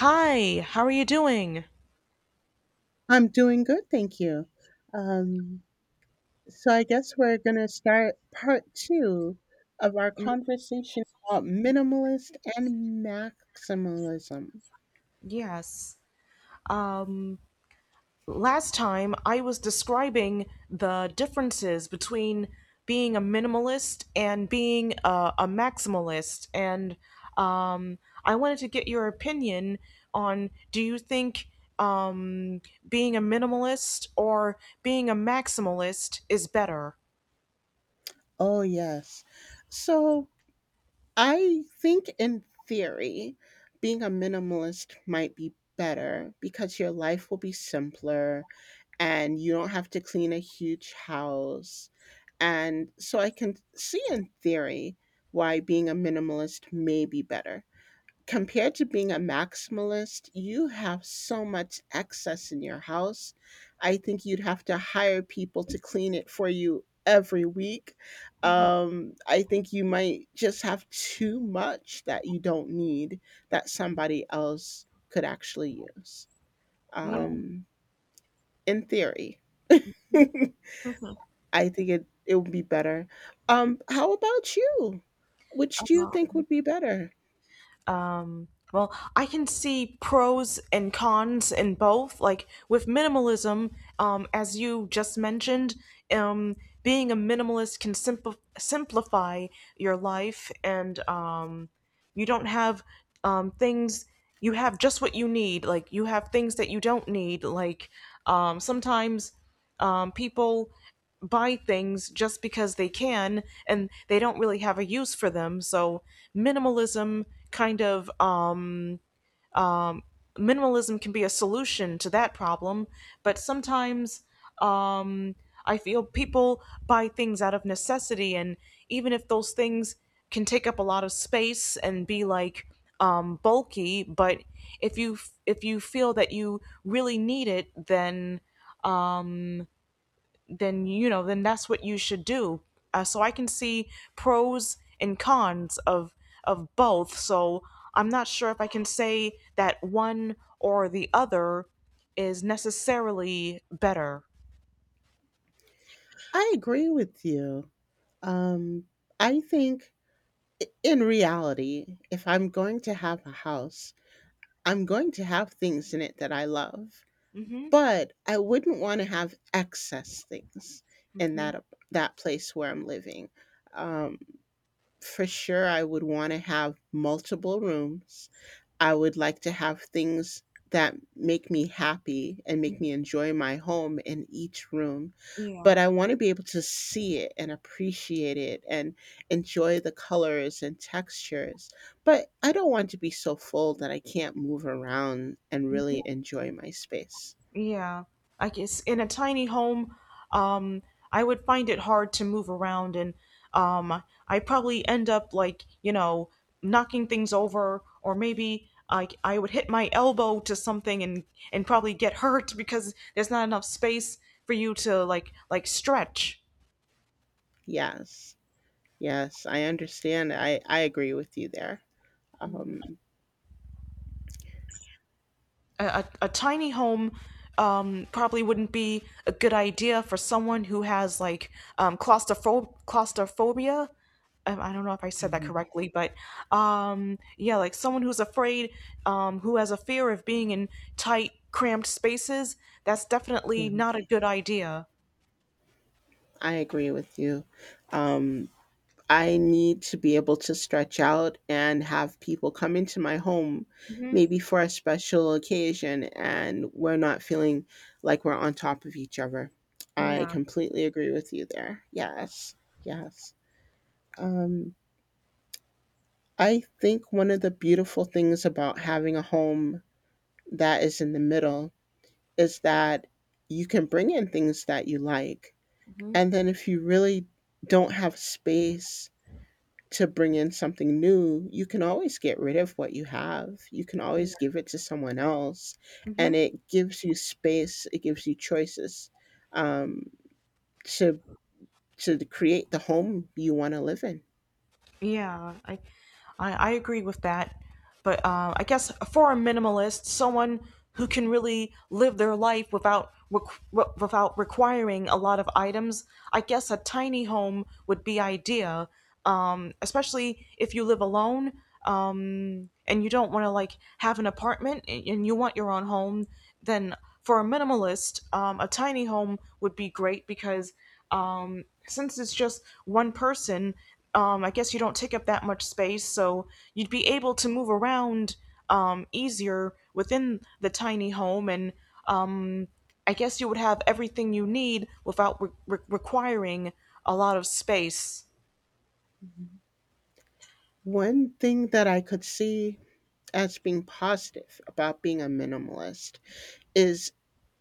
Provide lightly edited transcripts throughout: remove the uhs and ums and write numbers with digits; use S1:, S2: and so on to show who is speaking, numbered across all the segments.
S1: Hi, how are you doing?
S2: I'm doing good, thank you. Um, so I guess we're going to start part two of our conversation about minimalist and maximalism.
S1: Yes. Last time I was describing the differences between being a minimalist and being a maximalist, and um, I wanted to get your opinion on do you think um, being a minimalist or being a maximalist is better?
S2: Oh, yes. So I think in theory, being a minimalist might be better because your life will be simpler and you don't have to clean a huge house. And so I can see in theory why being a minimalist may be better compared to being a maximalist, you have so much excess in your house. I think you'd have to hire people to clean it for you every week.
S1: Mhm.
S2: I think you might just have too much that you don't need that somebody else could actually use.
S1: Yeah.
S2: Um, in theory,
S1: Mhm.
S2: I think it would be better. How about you? Which do you think would be better?
S1: um well, I can see pros and cons in both, like with minimalism, as you just mentioned. um Being a minimalist can simplify your life, and you don't have things. You have just what you need, like you have things that you don't need, like sometimes people buy things just because they can and they don't really have a use for them, so minimalism kind of. Minimalism can be a solution to that problem, but sometimes, um, I feel people buy things out of necessity, and even if those things can take up a lot of space and be like bulky, but if you if you feel that you really need it, um, then you know then that's what you should do. So I can see pros and cons of both. So I'm not sure if I can say that one or the other is necessarily better.
S2: I agree with you. Um, I think in reality, if I'm going to have a house, I'm going to have things in it that I love,
S1: Mm-hmm.
S2: but I wouldn't want to have excess things in
S1: Mm-hmm.
S2: that that place where I'm living. Um, for sure, I would want to have multiple rooms. I would like to have things that make me happy and make me enjoy my home in each room. But
S1: Yeah.
S2: I want to be able to see it and appreciate it and enjoy the colors and textures. But I don't want to be so full that I can't move around and really enjoy my space.
S1: Yeah, I guess in a tiny home, um, I would find it hard to move around, and um, I probably end up like you know knocking things over, or maybe I would hit my elbow to something and probably get hurt because there's not enough space for you to like stretch.
S2: Yes. Yes, I understand. I agree with you there. Um,
S1: A tiny home probably wouldn't be a good idea for someone who has like claustrophobia. I don't know if I said that
S2: mhm.
S1: correctly, but yeah, like someone who's afraid, who has a fear of being in tight, cramped spaces. That's
S2: Yeah,
S1: definitely not a good idea.
S2: I agree with you. Um, I need to be able to stretch out and have people come into my home,
S1: Hmm.
S2: maybe for a special occasion, and we're not feeling like we're on top of each other. I
S1: Yeah.
S2: completely agree with you there. Yes, yes. Um, I think one of the beautiful things about having a home that is in the middle is that you can bring in things that you like.
S1: Hmm.
S2: And then if you really don't have space to bring in something new, you can always get rid of what you have. You can always
S1: Yeah.
S2: give it to someone else. And
S1: Hmm.
S2: it gives you space, it gives you choices, um, to, to create the home you want to live in.
S1: Yeah, I agree with that. But I guess for a minimalist, someone who can really live their life without requ- w- without requiring a lot of items, I guess a tiny home would be idea. Especially if you live alone and you don't want to like have an apartment and you want your own home, then for a minimalist, a tiny home would be great because since it's just one person, I guess you don't take up that much space, so you'd be able to move around easier within the tiny home, and um, I guess you would have everything you need without re- re- requiring a lot of space.
S2: Mhm. One thing that I could see as being positive about being a minimalist is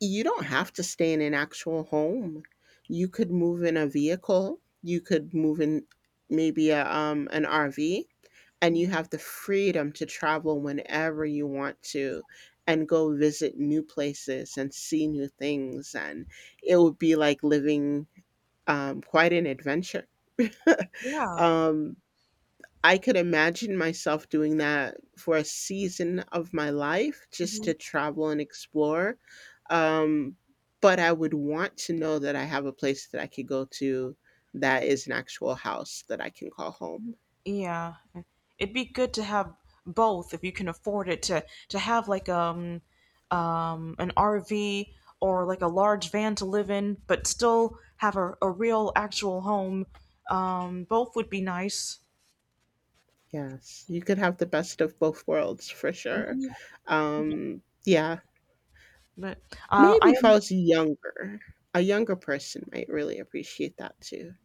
S2: you don't have to stay in an actual home. You could move in a vehicle, you could move in maybe an RV, and you have the freedom to travel whenever you want to and go visit new places and see new things, and it would be like living, quite an adventure.
S1: Yeah.
S2: um, I could imagine myself doing that for a season of my life just to travel and explore. um, but I would want to know that I have a place that I could go to, that is an actual house that I can call home.
S1: Yeah, and it'd be good to have both if you can afford it to have like an RV or like a large van to live in, but still have a real actual home. Both would be nice.
S2: Yes, you could have the best of both worlds for sure. Yeah,
S1: But
S2: maybe
S1: I
S2: if I was younger, a younger person might really appreciate that too.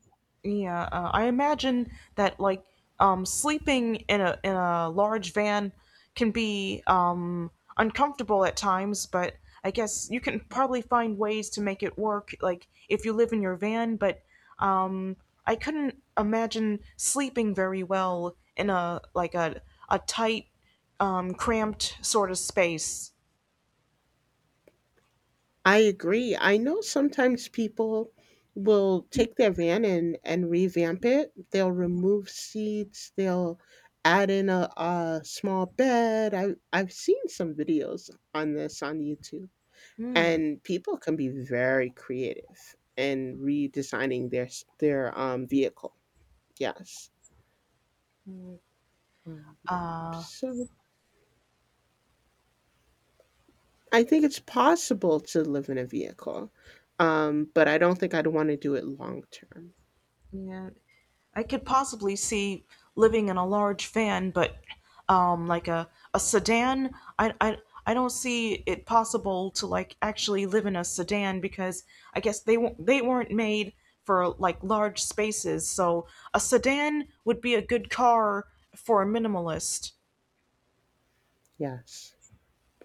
S1: Yeah, I imagine that like sleeping in a large van can be uncomfortable at times, but I guess you can probably find ways to make it work, like if you live in your van. But um, I couldn't imagine sleeping very well in a like a tight, cramped sort of space.
S2: I agree. I know sometimes people will take their van and revamp it. They'll remove seats, they'll add in a small bed. I've seen some videos on this on YouTube,
S1: Hmm.
S2: and people can be very creative in redesigning their their vehicle. Yes. Um,
S1: Uh,
S2: so I think it's possible to live in a vehicle, but I don't think I'd want to do it long term.
S1: yeah, I could possibly see living in a large van, but like a sedan, I don't see it possible to like actually live in a sedan because I guess they won't they weren't made for like large spaces. So a sedan would be a good car for a minimalist.
S2: Yes,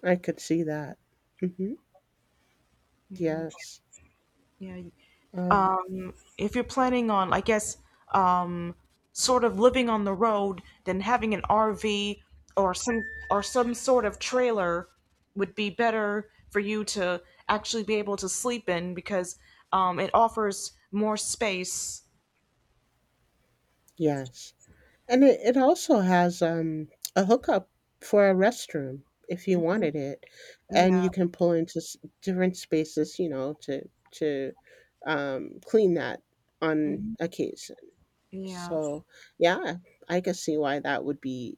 S2: I could see that. Hmm.
S1: Yeah,
S2: Yes.
S1: yeah.
S2: Um,
S1: If you're planning on, I guess, um, sort of living on the road, then having an RV or some sort of trailer would be better for you to actually be able to sleep in because it offers more space.
S2: yes. And it also has, a hookup for a restroom if you
S1: Mhm.
S2: wanted it. And you
S1: Yeah.
S2: can pull into different spaces, you know, to, clean that on
S1: Mhm.
S2: occasion.
S1: Yeah.
S2: So, yeah, I could see why that would be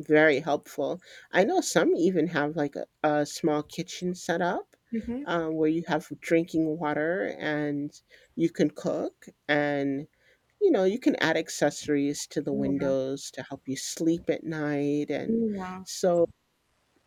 S2: very helpful. I know some even have like a small kitchen set up,
S1: Mhm.
S2: where you have drinking water and you can cook and, you know, you can add accessories to the
S1: Yeah.
S2: windows to help you sleep at night. And
S1: Yeah.
S2: so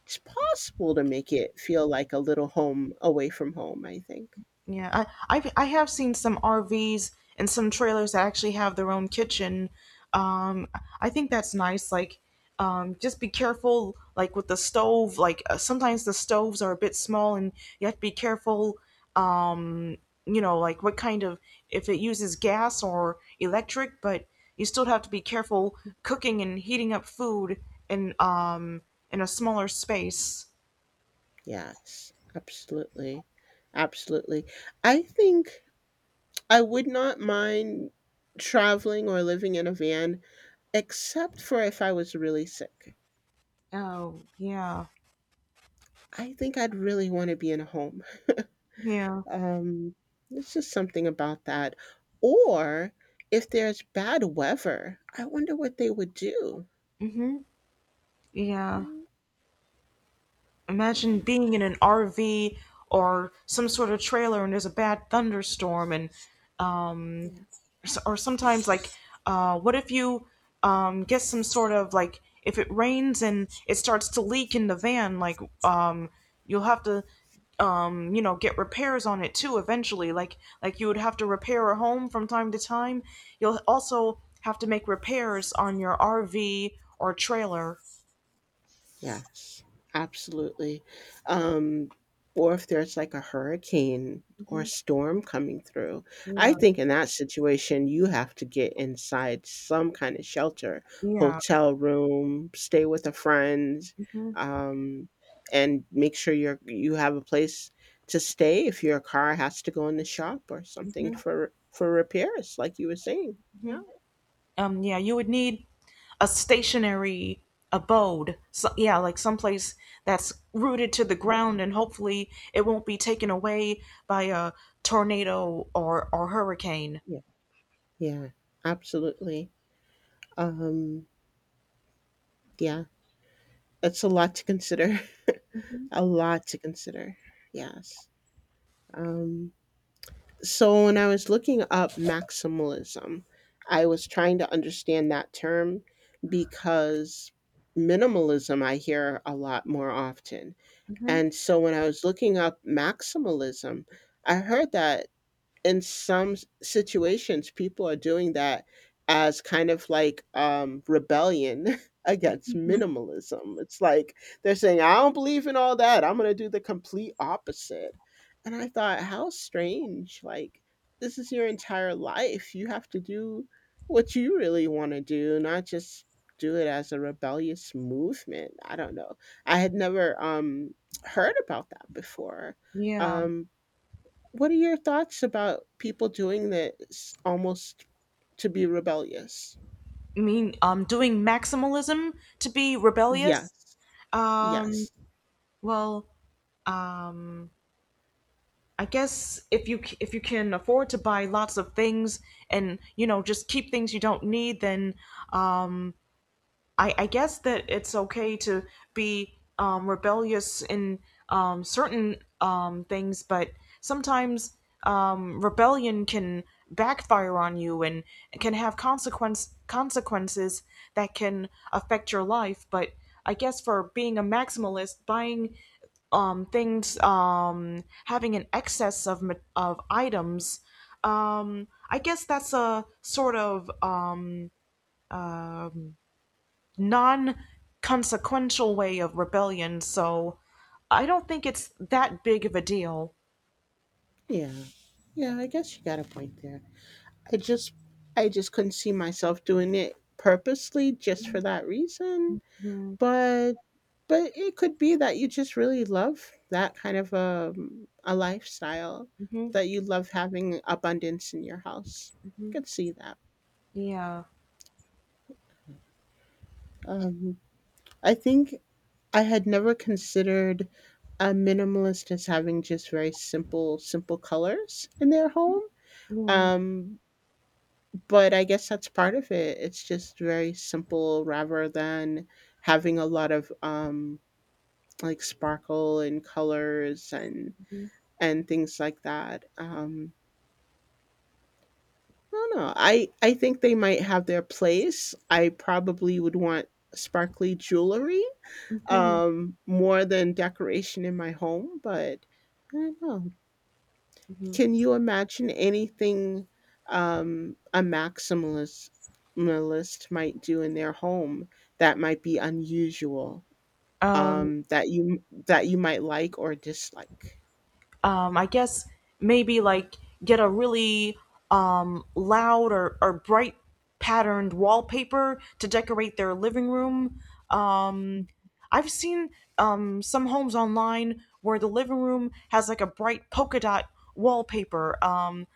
S2: it's possible to make it feel like a little home away from home, I think.
S1: Yeah, I've, I have seen some RVs and some trailers that actually have their own kitchen. Um, I think that's nice. Like, just be careful, like with the stove. Like sometimes the stoves are a bit small, and you have to be careful. Um, you know, like what kind of, if it uses gas or electric, but you still have to be careful cooking and heating up food in um in a smaller space.
S2: Yes, absolutely. Absolutely. I think I would not mind traveling or living in a van, except for if I was really sick.
S1: Oh yeah,
S2: I think I'd really want to be in a home.
S1: yeah,
S2: Um, there's just something about that. Or if there's bad weather, I wonder what they would do.
S1: mm-hmm, yeah.
S2: Mm,
S1: Imagine being in an RV or some sort of trailer and there's a bad thunderstorm and um
S2: yeah.
S1: or sometimes like what if you get some sort of like if it rains and it starts to leak in the van, you'll have to, you know, get repairs on it too eventually, like you would have to repair a home from time to time, you'll also have to make repairs on your RV or trailer.
S2: Yes, absolutely. Um, or if there's like a hurricane or a storm coming through, I
S1: Yeah,
S2: think in that situation, you have to get inside some kind of shelter,
S1: yeah,
S2: hotel room, stay with a friend,
S1: mhm,
S2: um, and make sure you're you have a place to stay if your car has to go in the shop or something
S1: mhm.
S2: for repairs, like you were saying. Yeah,
S1: Mhm. Yeah, you would need a stationary abode. So, yeah, like someplace that's rooted to the ground, and hopefully it won't be taken away by a tornado or hurricane.
S2: yeah, yeah, absolutely. Um, yeah. That's a lot to consider.
S1: Hmm.
S2: A lot to consider. Yes. Um, so when I was looking up maximalism, I was trying to understand that term because minimalism I hear a lot more often.
S1: Hmm.
S2: And so when I was looking up maximalism, I heard that in some situations people are doing that as kind of like rebellion against minimalism. It's like they're saying, I don't believe in all that, I'm going to do the complete opposite. And I thought, how strange, like this is your entire life, you have to do what you really want to do, not just do it as a rebellious movement. I don't know. I had never, heard about that before.
S1: Yeah,
S2: um what are your thoughts about people doing this almost to be rebellious?
S1: I mean, doing maximalism to be rebellious.
S2: Yes.
S1: Um,
S2: Yes.
S1: well, I guess if you if you can afford to buy lots of things and you know just keep things you don't need, then um. I guess that it's okay to be rebellious in certain things, but sometimes rebellion can backfire on you and can have consequences that can affect your life. But I guess for being a maximalist, buying things, having an excess of of items, I guess that's a sort of um non-consequential way of rebellion, so I don't think it's that big of a deal.
S2: Yeah. Yeah, I guess you got a point there. I just I just couldn't see myself doing it purposely just for that reason,
S1: Mm-hmm.
S2: but but it could be that you just really love that kind of a lifestyle,
S1: Hmm.
S2: that you love having abundance in your house. I could see that.
S1: Yeah.
S2: Um I think I had never considered a minimalist as having just very simple simple colors in their home.
S1: Mm-hmm.
S2: Um, but I guess that's part of it. It's just very simple rather than having a lot of, like sparkle and colors and things like that. I don't know. I think they might have their place. I probably would want sparkly jewelry,
S1: Hmm.
S2: more than decoration in my home. But I don't know.
S1: Hmm.
S2: Can you imagine anything, a maximalist maximalist might do in their home that might be unusual,
S1: Um,
S2: that you might like or dislike?
S1: I guess maybe like get a really loud or bright patterned wallpaper to decorate their living room. Um, I've seen some homes online where the living room has like a bright polka dot wallpaper.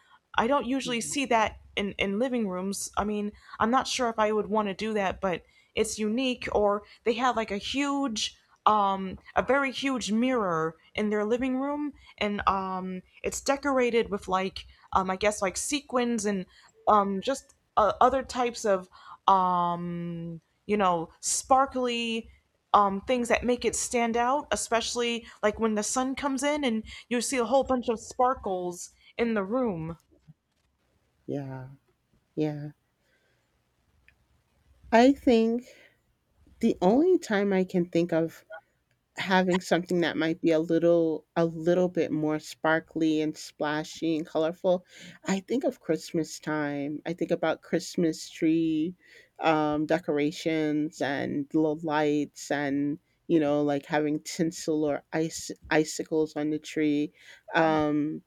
S1: I don't usually
S2: Mhm.
S1: see that in living rooms. I mean, I'm not sure if I would want to do that, but it's unique. Or they have like a huge, a very huge mirror in their living room, and it's decorated with like, I guess like sequins and just other types of, you know, sparkly things that make it stand out, especially like when the sun comes in and you see a whole bunch of sparkles in the room.
S2: Yeah, yeah. I think the only time I can think of having something that might be a little bit more sparkly and splashy and colorful. I think of Christmas time. I think about Christmas tree, decorations and little lights and, you know, like having tinsel or ice icicles on the tree. Um,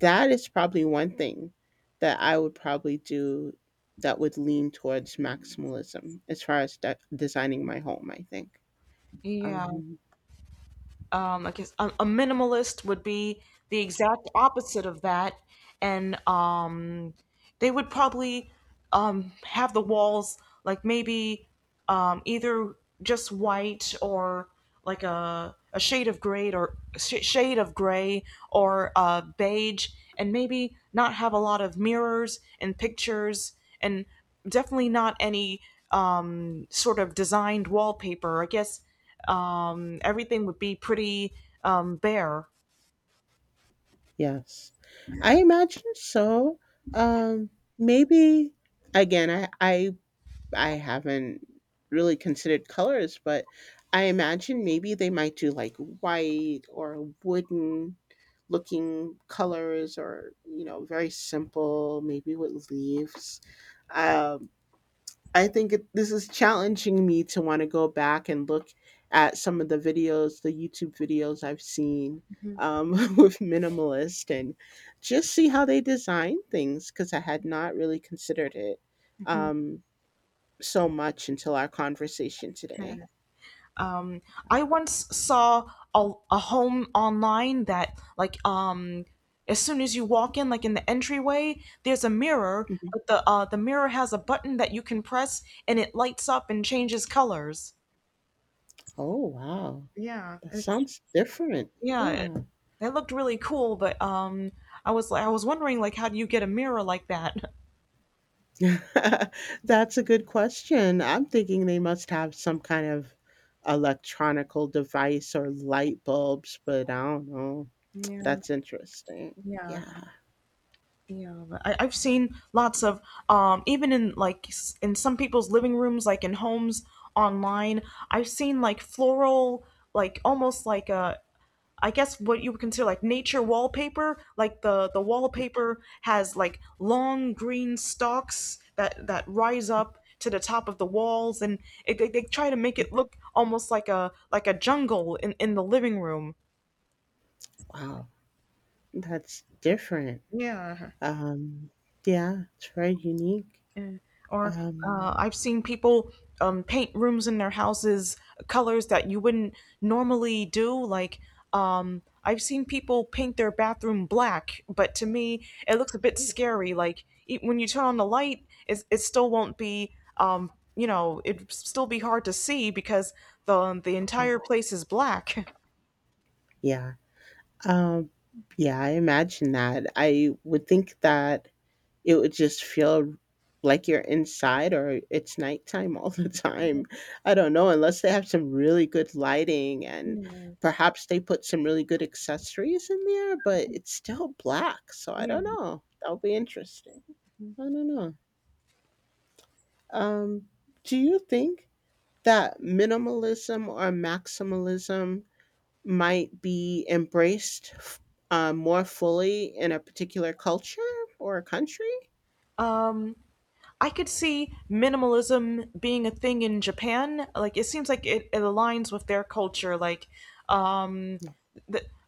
S2: that is probably one thing that I would probably do that would lean towards maximalism as far as designing my home, I think.
S1: Yeah,
S2: Um,
S1: I guess a minimalist would be the exact opposite of that, and they would probably have the walls like maybe either just white or like a shade of gray or shade of gray or beige, and maybe not have a lot of mirrors and pictures and definitely not any sort of designed wallpaper, I guess. Everything would be pretty bare.
S2: Yes. I imagine so. Um, Maybe again, I haven't really considered colors, but I imagine maybe they might do like white or wooden looking colors, or you know, very simple, maybe with leaves. Um, I think it, this is challenging me to want to go back and look at some of the videos, the YouTube videos I've seen,
S1: Mm-hmm,
S2: with minimalist, and just see how they design things because I had not really considered it,
S1: mm-hmm.
S2: um, so much until our conversation today.
S1: Um, I once saw a home online that like as soon as you walk in, like in the entryway, there's a mirror,
S2: Mhm.
S1: but the mirror has a button that you can press and it lights up and changes colors.
S2: Oh wow,
S1: yeah
S2: that
S1: it's-
S2: sounds different.
S1: yeah, it,
S2: Yeah.
S1: that looked really cool, but I was like I was wondering, like how do you get a mirror like that?
S2: That's a good question. I'm thinking they must have some kind of electronical device or light bulbs, but I don't know.
S1: Yeah.
S2: That's interesting.
S1: Yeah.
S2: Yeah.
S1: Yeah, but I've seen lots of even in like in some people's living rooms, like in homes online. I've seen like floral, like almost like a, I guess what you would consider like nature wallpaper. Like the
S2: Yeah.
S1: wallpaper has like long green stalks that rise up to the top of the walls, and it, they try to make it look almost like a jungle in the living room.
S2: Wow. That's different.
S1: Yeah.
S2: Um, yeah, it's very unique.
S1: Yeah. Or
S2: Um,
S1: I've seen people paint rooms in their houses colors that you wouldn't normally do. Like I've seen people paint their bathroom black, but to me it looks a bit scary. Like e when you turn on the light, it still won't be um, you know, it'd still be hard to see because the
S2: yeah.
S1: entire place is black.
S2: Yeah. Um, yeah, I imagine that. I would think that it would just feel like you're inside or it's nighttime all the time. I don't know, unless they have some really good lighting and perhaps they put some really good accessories in there, but it's still black, so I
S1: Yeah.
S2: don't know. That'll be interesting. I don't know. Um, do you think that minimalism or maximalism might be embraced more fully in a particular culture or a country?
S1: Um, I could see minimalism being a thing in Japan. Like it seems like it aligns with their culture. Like um,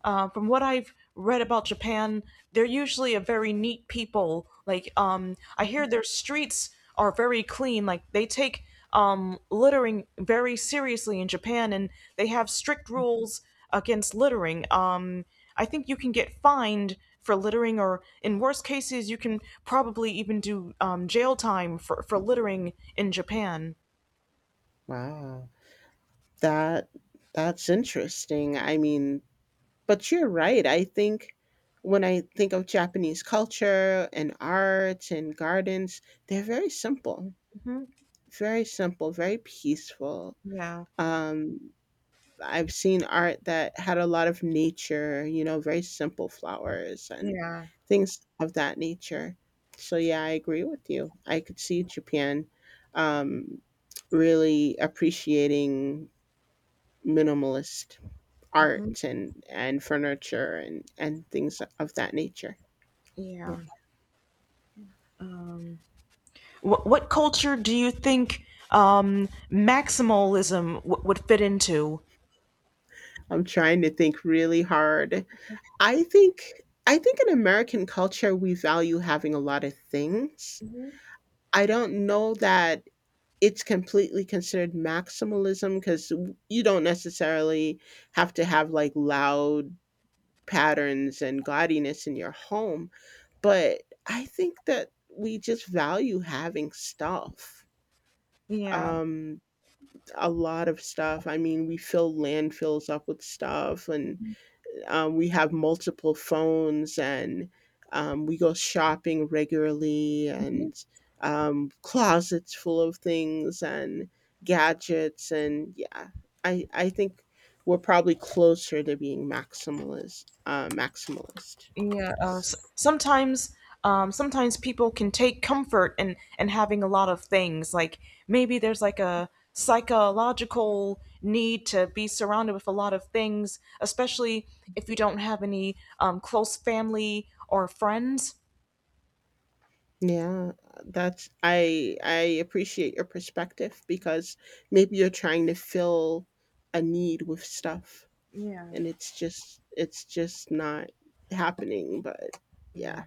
S1: from what I've read about Japan, they're usually a very neat people. Like, I
S2: Yeah.
S1: hear their streets are very clean. Like, they take littering very seriously in Japan, and they have strict rules against littering. I think you can get fined for littering, or in worst cases, you can probably even do jail time for littering in Japan.
S2: Wow. That that's interesting. I mean, but you're right. I think when I think of Japanese culture and art and gardens, they're very simple,
S1: Hmm.
S2: very simple, very peaceful.
S1: Yeah,
S2: Um, I've seen art that had a lot of nature, you know, very simple flowers and
S1: yeah,
S2: things of that nature. So yeah, I agree with you. I could see Japan, um, really appreciating minimalist art and furniture and things of that nature. Yeah.
S1: yeah. What culture do you think maximalism would fit into?
S2: I'm trying to think really hard. I think I think in American culture we value having a lot of things. I don't know that it's completely considered maximalism cuz you don't necessarily have to have like loud patterns and gaudiness in your home, but I think that we just value having stuff.
S1: Yeah,
S2: Um a lot of stuff. I mean, we fill landfills up with stuff, and we have multiple phones, and we go shopping regularly, and closets full of things and gadgets, and yeah, I think we're probably closer to being maximalist. Maximalist,
S1: yeah.
S2: yes.
S1: Sometimes, sometimes people can take comfort in having a lot of things. Like maybe there's like a psychological need to be surrounded with a lot of things, especially if you don't have any close family or friends.
S2: Yeah, that's I appreciate your perspective because maybe you're trying to fill a need with stuff
S1: Yeah,
S2: and it's just not happening, but
S1: yeah,
S2: yeah.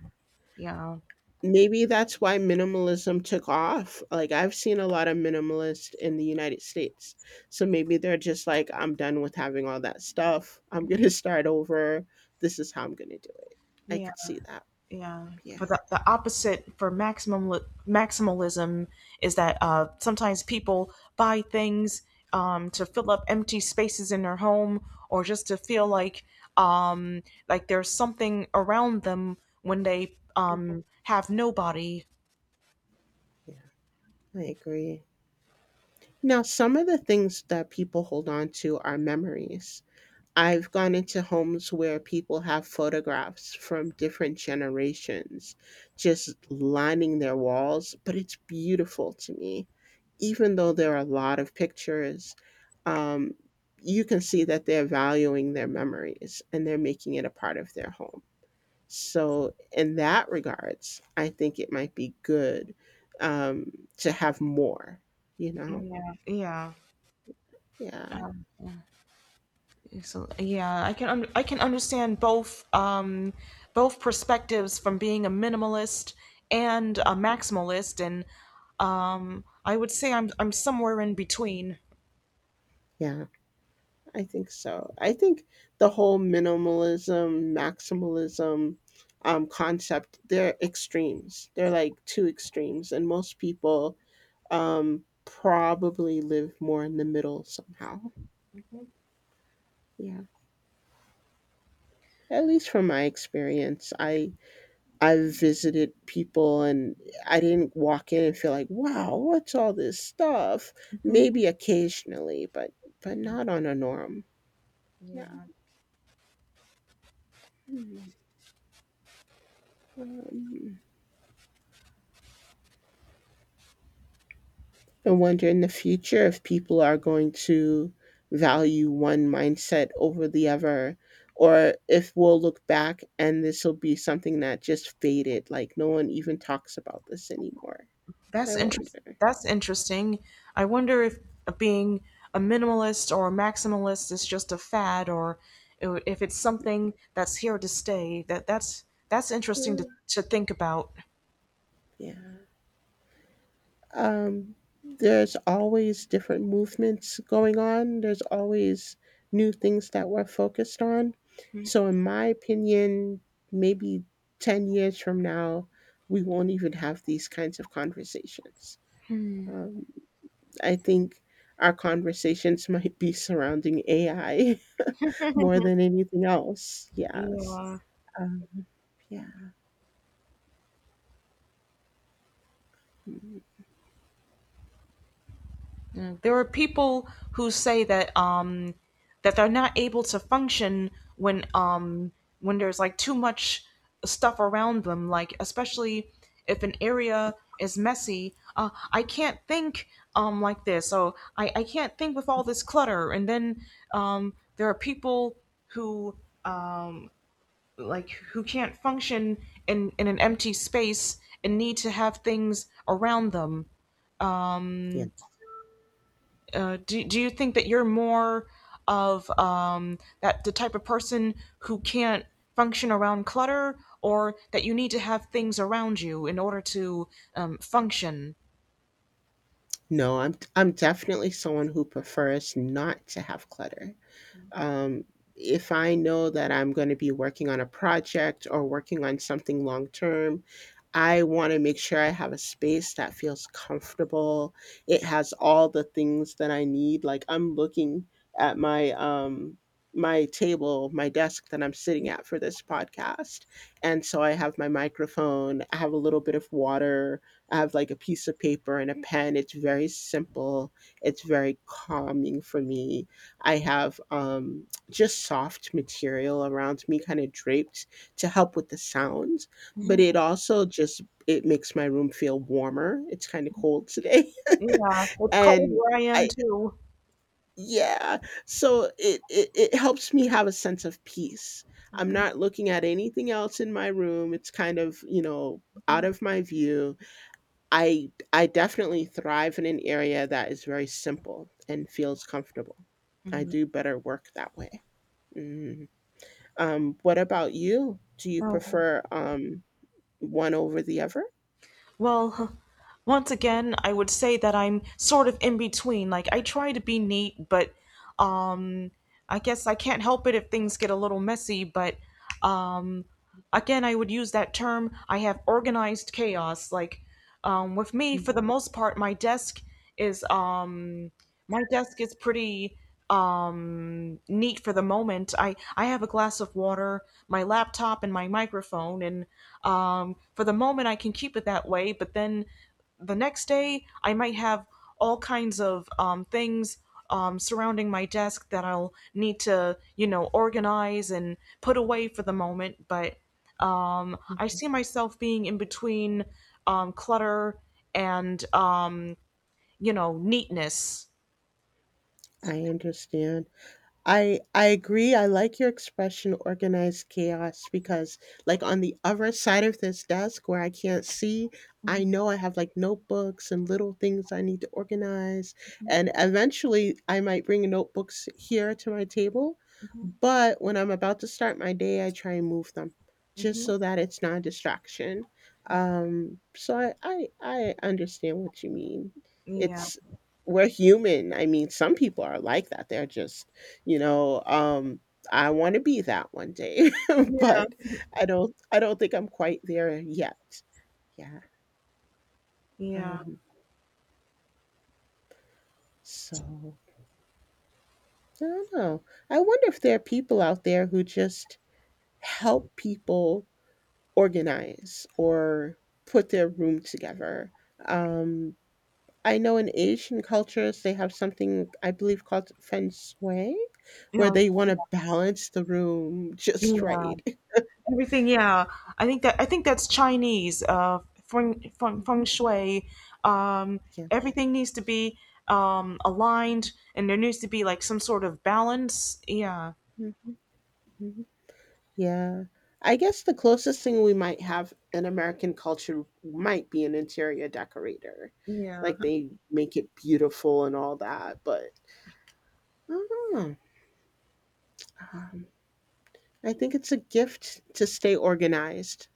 S1: yeah,
S2: Maybe that's why minimalism took off. Like I've seen a lot of minimalists in the United States. So maybe they're just like I'm done with having all that stuff. I'm going to start over. This is how I'm going to do it. I
S1: yeah.
S2: could see that.
S1: Yeah,
S2: Yeah.
S1: but the opposite for maximum maximalism is that sometimes people buy things to fill up empty spaces in their home or just to feel um, like there's something around them when they have nobody.
S2: Yeah. I agree. Now, some of the things that people hold on to are memories. I've gone into homes where people have photographs from different generations just lining their walls, but it's beautiful to me. Even though there are a lot of pictures, um, you can see that they're valuing their memories and they're making it a part of their home. So, in that regards, I think it might be good um, to have more, you know?
S1: Yeah, yeah.
S2: Yeah.
S1: Um, So yeah, I can I can understand both both perspectives from being a minimalist and a maximalist, and I would say I'm somewhere in between.
S2: Yeah, I think so. I think the whole minimalism, maximalism concept, they're extremes. They're like two extremes. And most people probably live more in the middle somehow. Yeah. At least from my experience, I visited people and I didn't walk in and feel like, wow, what's all this stuff?
S1: Mhm.
S2: Maybe occasionally, but not on a norm. Yeah. Hmm. Um, I wonder in the future if people are going to value one mindset over the other, or if we'll look back and this will be something that just faded, like no one even talks about this anymore. I wonder.
S1: That's interesting. I wonder if being a minimalist or a maximalist is just a fad, or if it's something that's here to stay. That's interesting to
S2: Yeah.
S1: think about.
S2: Yeah. um, there's always different movements going on. There's always new things that we're focused on. So, in my opinion, maybe 10 years from now, we won't even have these kinds of conversations. Um, I think our conversations might be surrounding AI more than anything else. Yes.
S1: Yeah.
S2: Um, yeah. Mm,
S1: There are people who say that that they're not able to function when um, when there's like too much stuff around them, like especially if an area is messy. I can't think like this, so I can't think with all this clutter. And then there are people who uh, like who can't function in an empty space and need to have things around them
S2: yeah.
S1: do you think that you're more of that the type of person who can't function around clutter or that you need to have things around you in order to function?
S2: No, I'm definitely someone who prefers not to have clutter. Um, if I know that I'm going to be working on a project or working on something long term, I want to make sure I have a space that feels comfortable. It has all the things that I need. Like I'm looking at my my table, my desk that I'm sitting at for this podcast. And so I have my microphone, I have a little bit of water, I have like a piece of paper and a pen. It's very simple. It's very calming for me. I have, just soft material around me kinda draped to help with the sounds, but it also just it makes my room feel warmer. It's kinda cold today.
S1: Yeah, it's cold
S2: And
S1: where I am
S2: I
S1: too.
S2: yeah. So it helps me have a sense of peace. I'm not looking at anything else in my room. It's kind of, you know, out of my view. I definitely thrive in an area that is very simple and feels comfortable. I do better work that way. Mm. What about you? Do you
S1: Um,
S2: prefer, one over the other?
S1: well, once again I would say that I'm sort of in between. Like, I try to be neat, but um, I guess I can't help it if things get a little messy, but um, again, I would use that term, I have organized chaos. Like with me, for
S2: Mhm,
S1: the most part, my desk is pretty neat for the moment. I have a glass of water, my laptop and my microphone, and for the moment I can keep it that way, but then the next day I might have all kinds of things surrounding my desk that I'll need to, you know, organize and put away for the moment. But I
S2: mhm.
S1: see myself being in between clutter and you know, neatness.
S2: I understand. I agree. I like your expression organized chaos because like on the other side of this desk where I can't see, I
S1: Mhm,
S2: know I have like notebooks and little things I need to organize and eventually I might bring notebooks here to my table,
S1: mhm,
S2: but when I'm about to start my day, I try and move them
S1: mhm,
S2: just
S1: mhm.
S2: so that it's not a distraction. So I understand what you mean.
S1: Yeah,
S2: It's we're human. I mean, some people are like that. They're just you know, um, I want to be that one day,
S1: yeah,
S2: but I don't think I'm quite there yet. Yeah.
S1: yeah,
S2: Um, so I don't know. I wonder if there are people out there who just help people organize or put their room together. Um, I know in Asian cultures they have something I believe called feng shui,
S1: you
S2: where
S1: know,
S2: they want to balance the room just
S1: yeah,
S2: right.
S1: everything. Yeah, I think that I think that's Chinese.
S2: Mhm.
S1: Feng shui. Um,
S2: Yeah.
S1: Everything needs to be aligned, and there needs to be like some sort of balance. Yeah.
S2: Mhm. Mhm. Yeah. I guess the closest thing we might have in American culture might be an interior decorator.
S1: Yeah.
S2: Like, they make it beautiful and all that, but I don't know. Um, I think it's a gift to stay organized.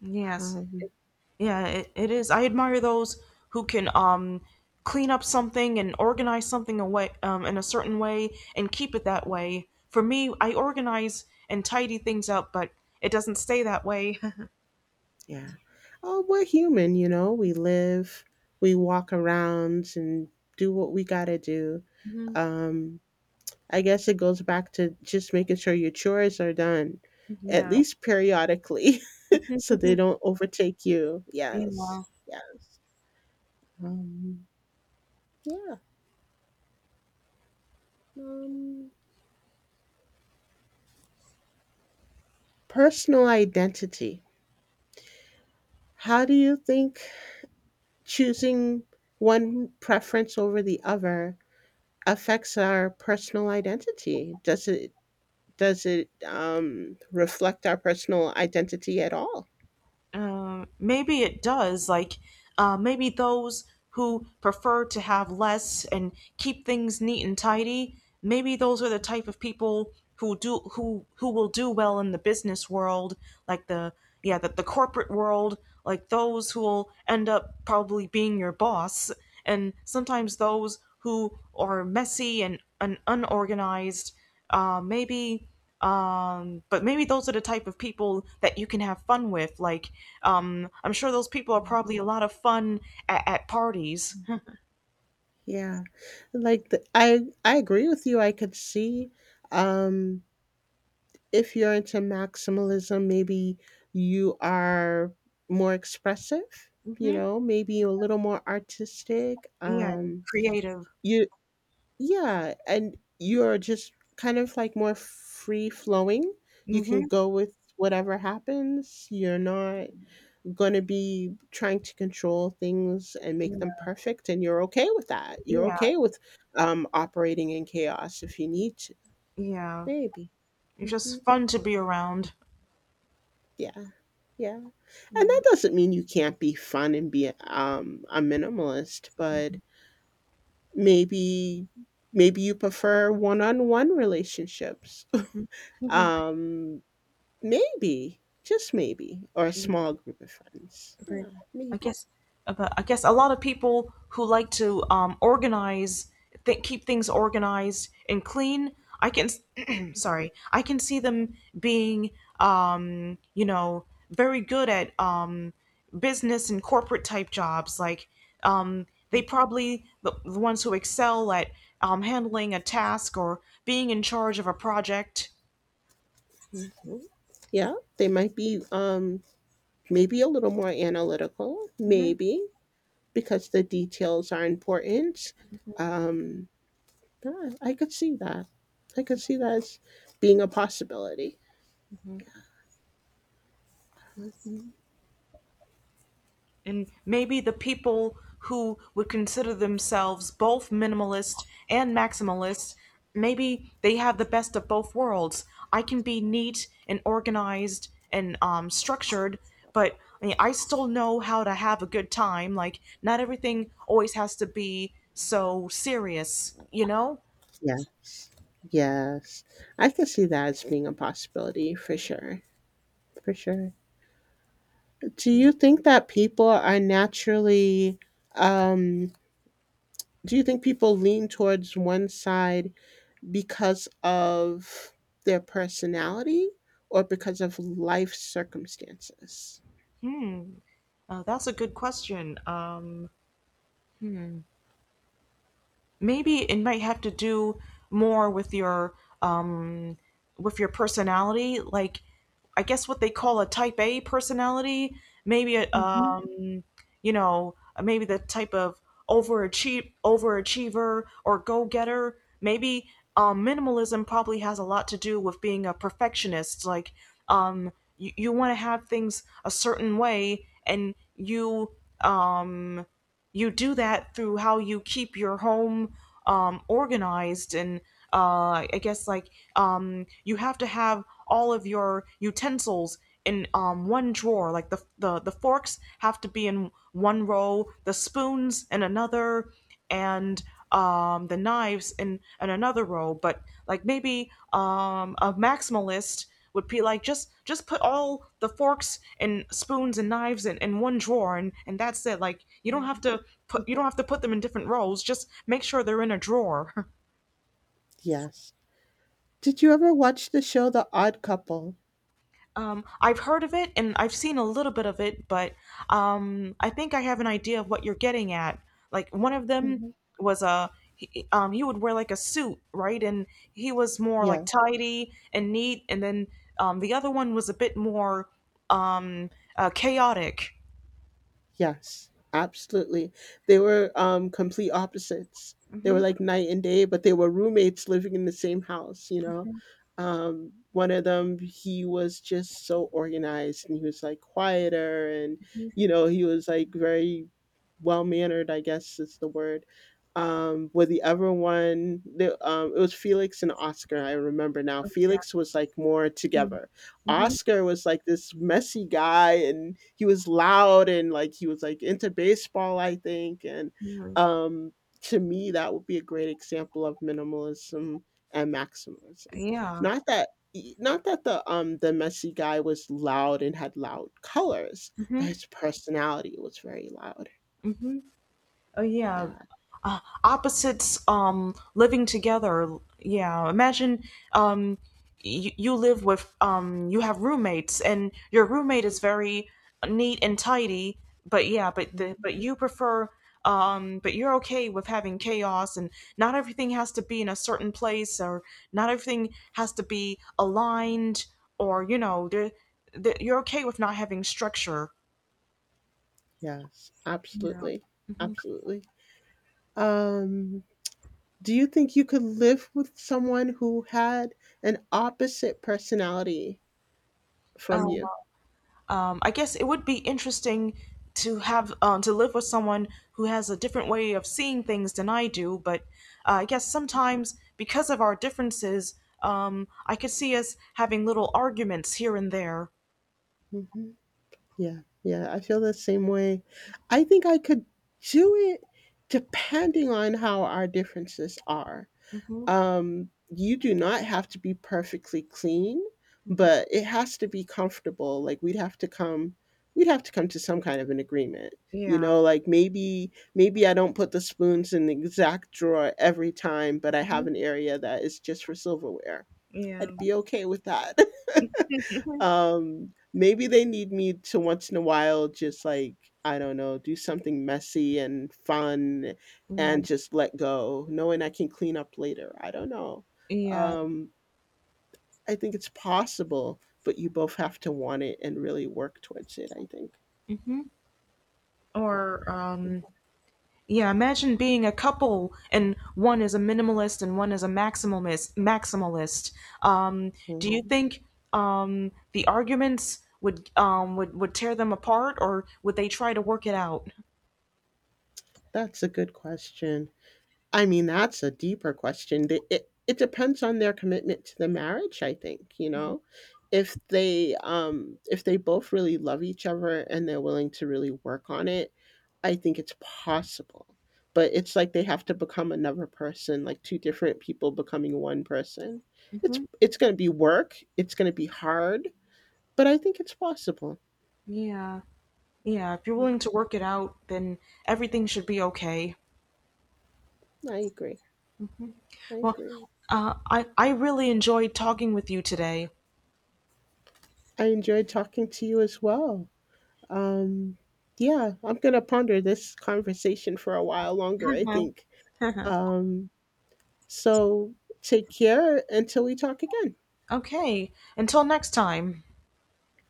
S1: Yes.
S2: Um,
S1: Yeah, it is. I admire those who can clean up something and organize something away in a certain way and keep it that way. For me, I organize and tidy things up, but it doesn't stay that way.
S2: yeah. Oh, we're human, you know? We live, we walk around and do what we gotta do.
S1: hmm.
S2: Um, I guess it goes back to just making sure your chores are done, at
S1: Yeah.
S2: least periodically. So they don't overtake you. Yes,
S1: yeah.
S2: yes. Um, yeah. Um, Personal identity. How do you think choosing one preference over the other affects our personal identity? Does it reflect our personal identity at all?
S1: Maybe it does. Like, maybe those who prefer to have less and keep things neat and tidy, maybe those are the type of people who will do well in the business world, like the corporate world, like those who will end up probably being your boss. And sometimes those who are messy and unorganized, maybe but maybe those are the type of people that you can have fun with. Like I'm sure those people are probably a lot of fun at parties.
S2: Yeah, like the, I agree with you. I could see um, if you're into maximalism, maybe you are more expressive, you
S1: hmm.
S2: know, maybe you're a little more artistic.
S1: Yeah, creative.
S2: You, yeah, and you're just kind of like more free flowing. You can
S1: Hmm.
S2: go with whatever happens. You're not going to be trying to control things and make them
S1: Yeah.
S2: perfect, and you're okay with that. You're
S1: Yeah.
S2: okay with operating in chaos if you need to,
S1: Yeah,
S2: maybe.
S1: it's
S2: Mhm.
S1: just fun to be around.
S2: Yeah. Yeah. And that doesn't mean you can't be fun and be, a minimalist, but maybe maybe you prefer one-on-one relationships.
S1: Mm-hmm.
S2: Um, maybe, just maybe, or a small group of friends.
S1: Great.
S2: Yeah,
S1: I
S2: maybe.
S1: guess, but I guess a lot of people who like to organize, keep things organized and clean. I can, sorry, I can see them being, you know, very good at business and corporate type jobs. Like they probably the ones who excel at handling a task or being in charge of a project.
S2: Mhm. Yeah, they might be, maybe a little more analytical, maybe, because the details are important. Um, yeah, I could see that. I could see that as being a possibility. Mhm.
S1: And maybe the people who would consider themselves both minimalist and maximalist, maybe they have the best of both worlds. I can be neat and organized and structured, but I mean, I still know how to have a good time. Like, not everything always has to be so serious, you know?
S2: Yes. Yes. I could see that as being a possibility for sure. For sure. Do you think that people are naturally um do you think people lean towards one side because of their personality or because of life circumstances?
S1: Hmm, that's a good question. Maybe it might have to do more um with your personality. Like, I guess what they call a type A personality, maybe a,
S2: Mhm.
S1: um, you know, maybe the type of overachiever or go-getter. Maybe minimalism probably has a lot to do with being a perfectionist. Like you, you want to have things a certain way, and you um you do that through how you keep your home organized. And I guess, like you have to have all of your utensils in one drawer. Like the forks have to be in one row, the spoons in another, and the knives in another row. But like maybe a maximalist would be like just put all the forks and spoons and knives in one drawer, and that's it. Like you don't have
S2: Mhm.
S1: to put them in different rows. Just make sure they're in a drawer.
S2: Yes. Did you ever watch the show The Odd Couple?
S1: I've heard of it and I've seen a little bit of it, but I think I have an idea of what you're getting at. Like, one of them was a he would wear like a suit, right? And he was more like
S2: Yes.
S1: tidy and neat, and then the other one was a bit more um, chaotic.
S2: Yes. Absolutely. They were complete opposites. They were
S1: Hmm.
S2: like night and day, but they were roommates living in the same house, you know. One of them he was just so organized and he was like quieter and you know, he was like very well mannered, I guess is the word. With the other one the it was Felix and Oscar, I remember now.
S1: Yeah.
S2: Felix was like more together.
S1: Hmm.
S2: Oscar was like this messy guy and he was loud and like he was like into baseball, I think. And um, to me, that would be a great example of minimalism and maximalism.
S1: Yeah.
S2: Not that e, not that the messy guy was loud and had loud colors, but
S1: Hmm.
S2: his personality was very loud.
S1: Oh yeah,
S2: Yeah,
S1: opposites living together. Yeah, imagine um you live with you have roommates and your roommate is very neat and tidy, but yeah, but the but you prefer but you're okay with having chaos, and not everything has to be in a certain place, or not everything has to be aligned, or you know you're okay with not having structure.
S2: yes,
S1: Yeah.
S2: absolutely. Absolutely. Um, do you think you could live with someone who had an opposite personality from
S1: Um,
S2: you?
S1: I guess it would be interesting to have to live with someone who has a different way of seeing things than I do. But I guess sometimes because of our differences, I could see us having little arguments here and there.
S2: Mhm. Yeah, yeah, I feel the same way. I think I could do it depending on how our differences are.
S1: Hmm.
S2: You do not have to be perfectly clean, but it has to be comfortable. Like we'd have to come to some kind of an agreement. You
S1: Yeah.
S2: know, like maybe maybe I don't put the spoons in the exact drawer every time, but I have
S1: Mhm.
S2: an area that is just for silverware.
S1: Yeah.
S2: I'd be okay with that.
S1: Mhm.
S2: Maybe they need me to once in a while just like, I don't know, do something messy and fun
S1: Yeah.
S2: and just let go, knowing I can clean up later. I don't know.
S1: Yeah.
S2: Um, I think it's possible, but you both have to want it and really work towards it, I think.
S1: Hmm. Or
S2: Yeah.
S1: yeah, imagine being a couple and one is a minimalist and one is a maximalist. Maximalist. Um, do you
S2: Mhm.
S1: think the arguments would would tear them apart, or would they try to work it out?
S2: That's a good question. I mean, that's a deeper question. The it it depends on their commitment to the marriage, I think, you know? If they both really love each other and they're willing to really work on it, I think it's possible. But it's like they have to become another person, like two different people becoming one person. It's
S1: Hmm.
S2: it's gonna be work, it's gonna be hard, but I think it's possible.
S1: Yeah, yeah. If you're willing
S2: Mhm.
S1: to work it out, then everything should be okay.
S2: I agree. I
S1: Well,
S2: agree.
S1: I really enjoyed talking with you today.
S2: I enjoyed talking to you as well. Um, yeah, I'm gonna ponder this conversation for a while longer, I think. Um, so take care until we talk again.
S1: okay. Until next time.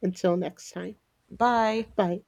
S2: Until next time.
S1: Bye.
S2: Bye.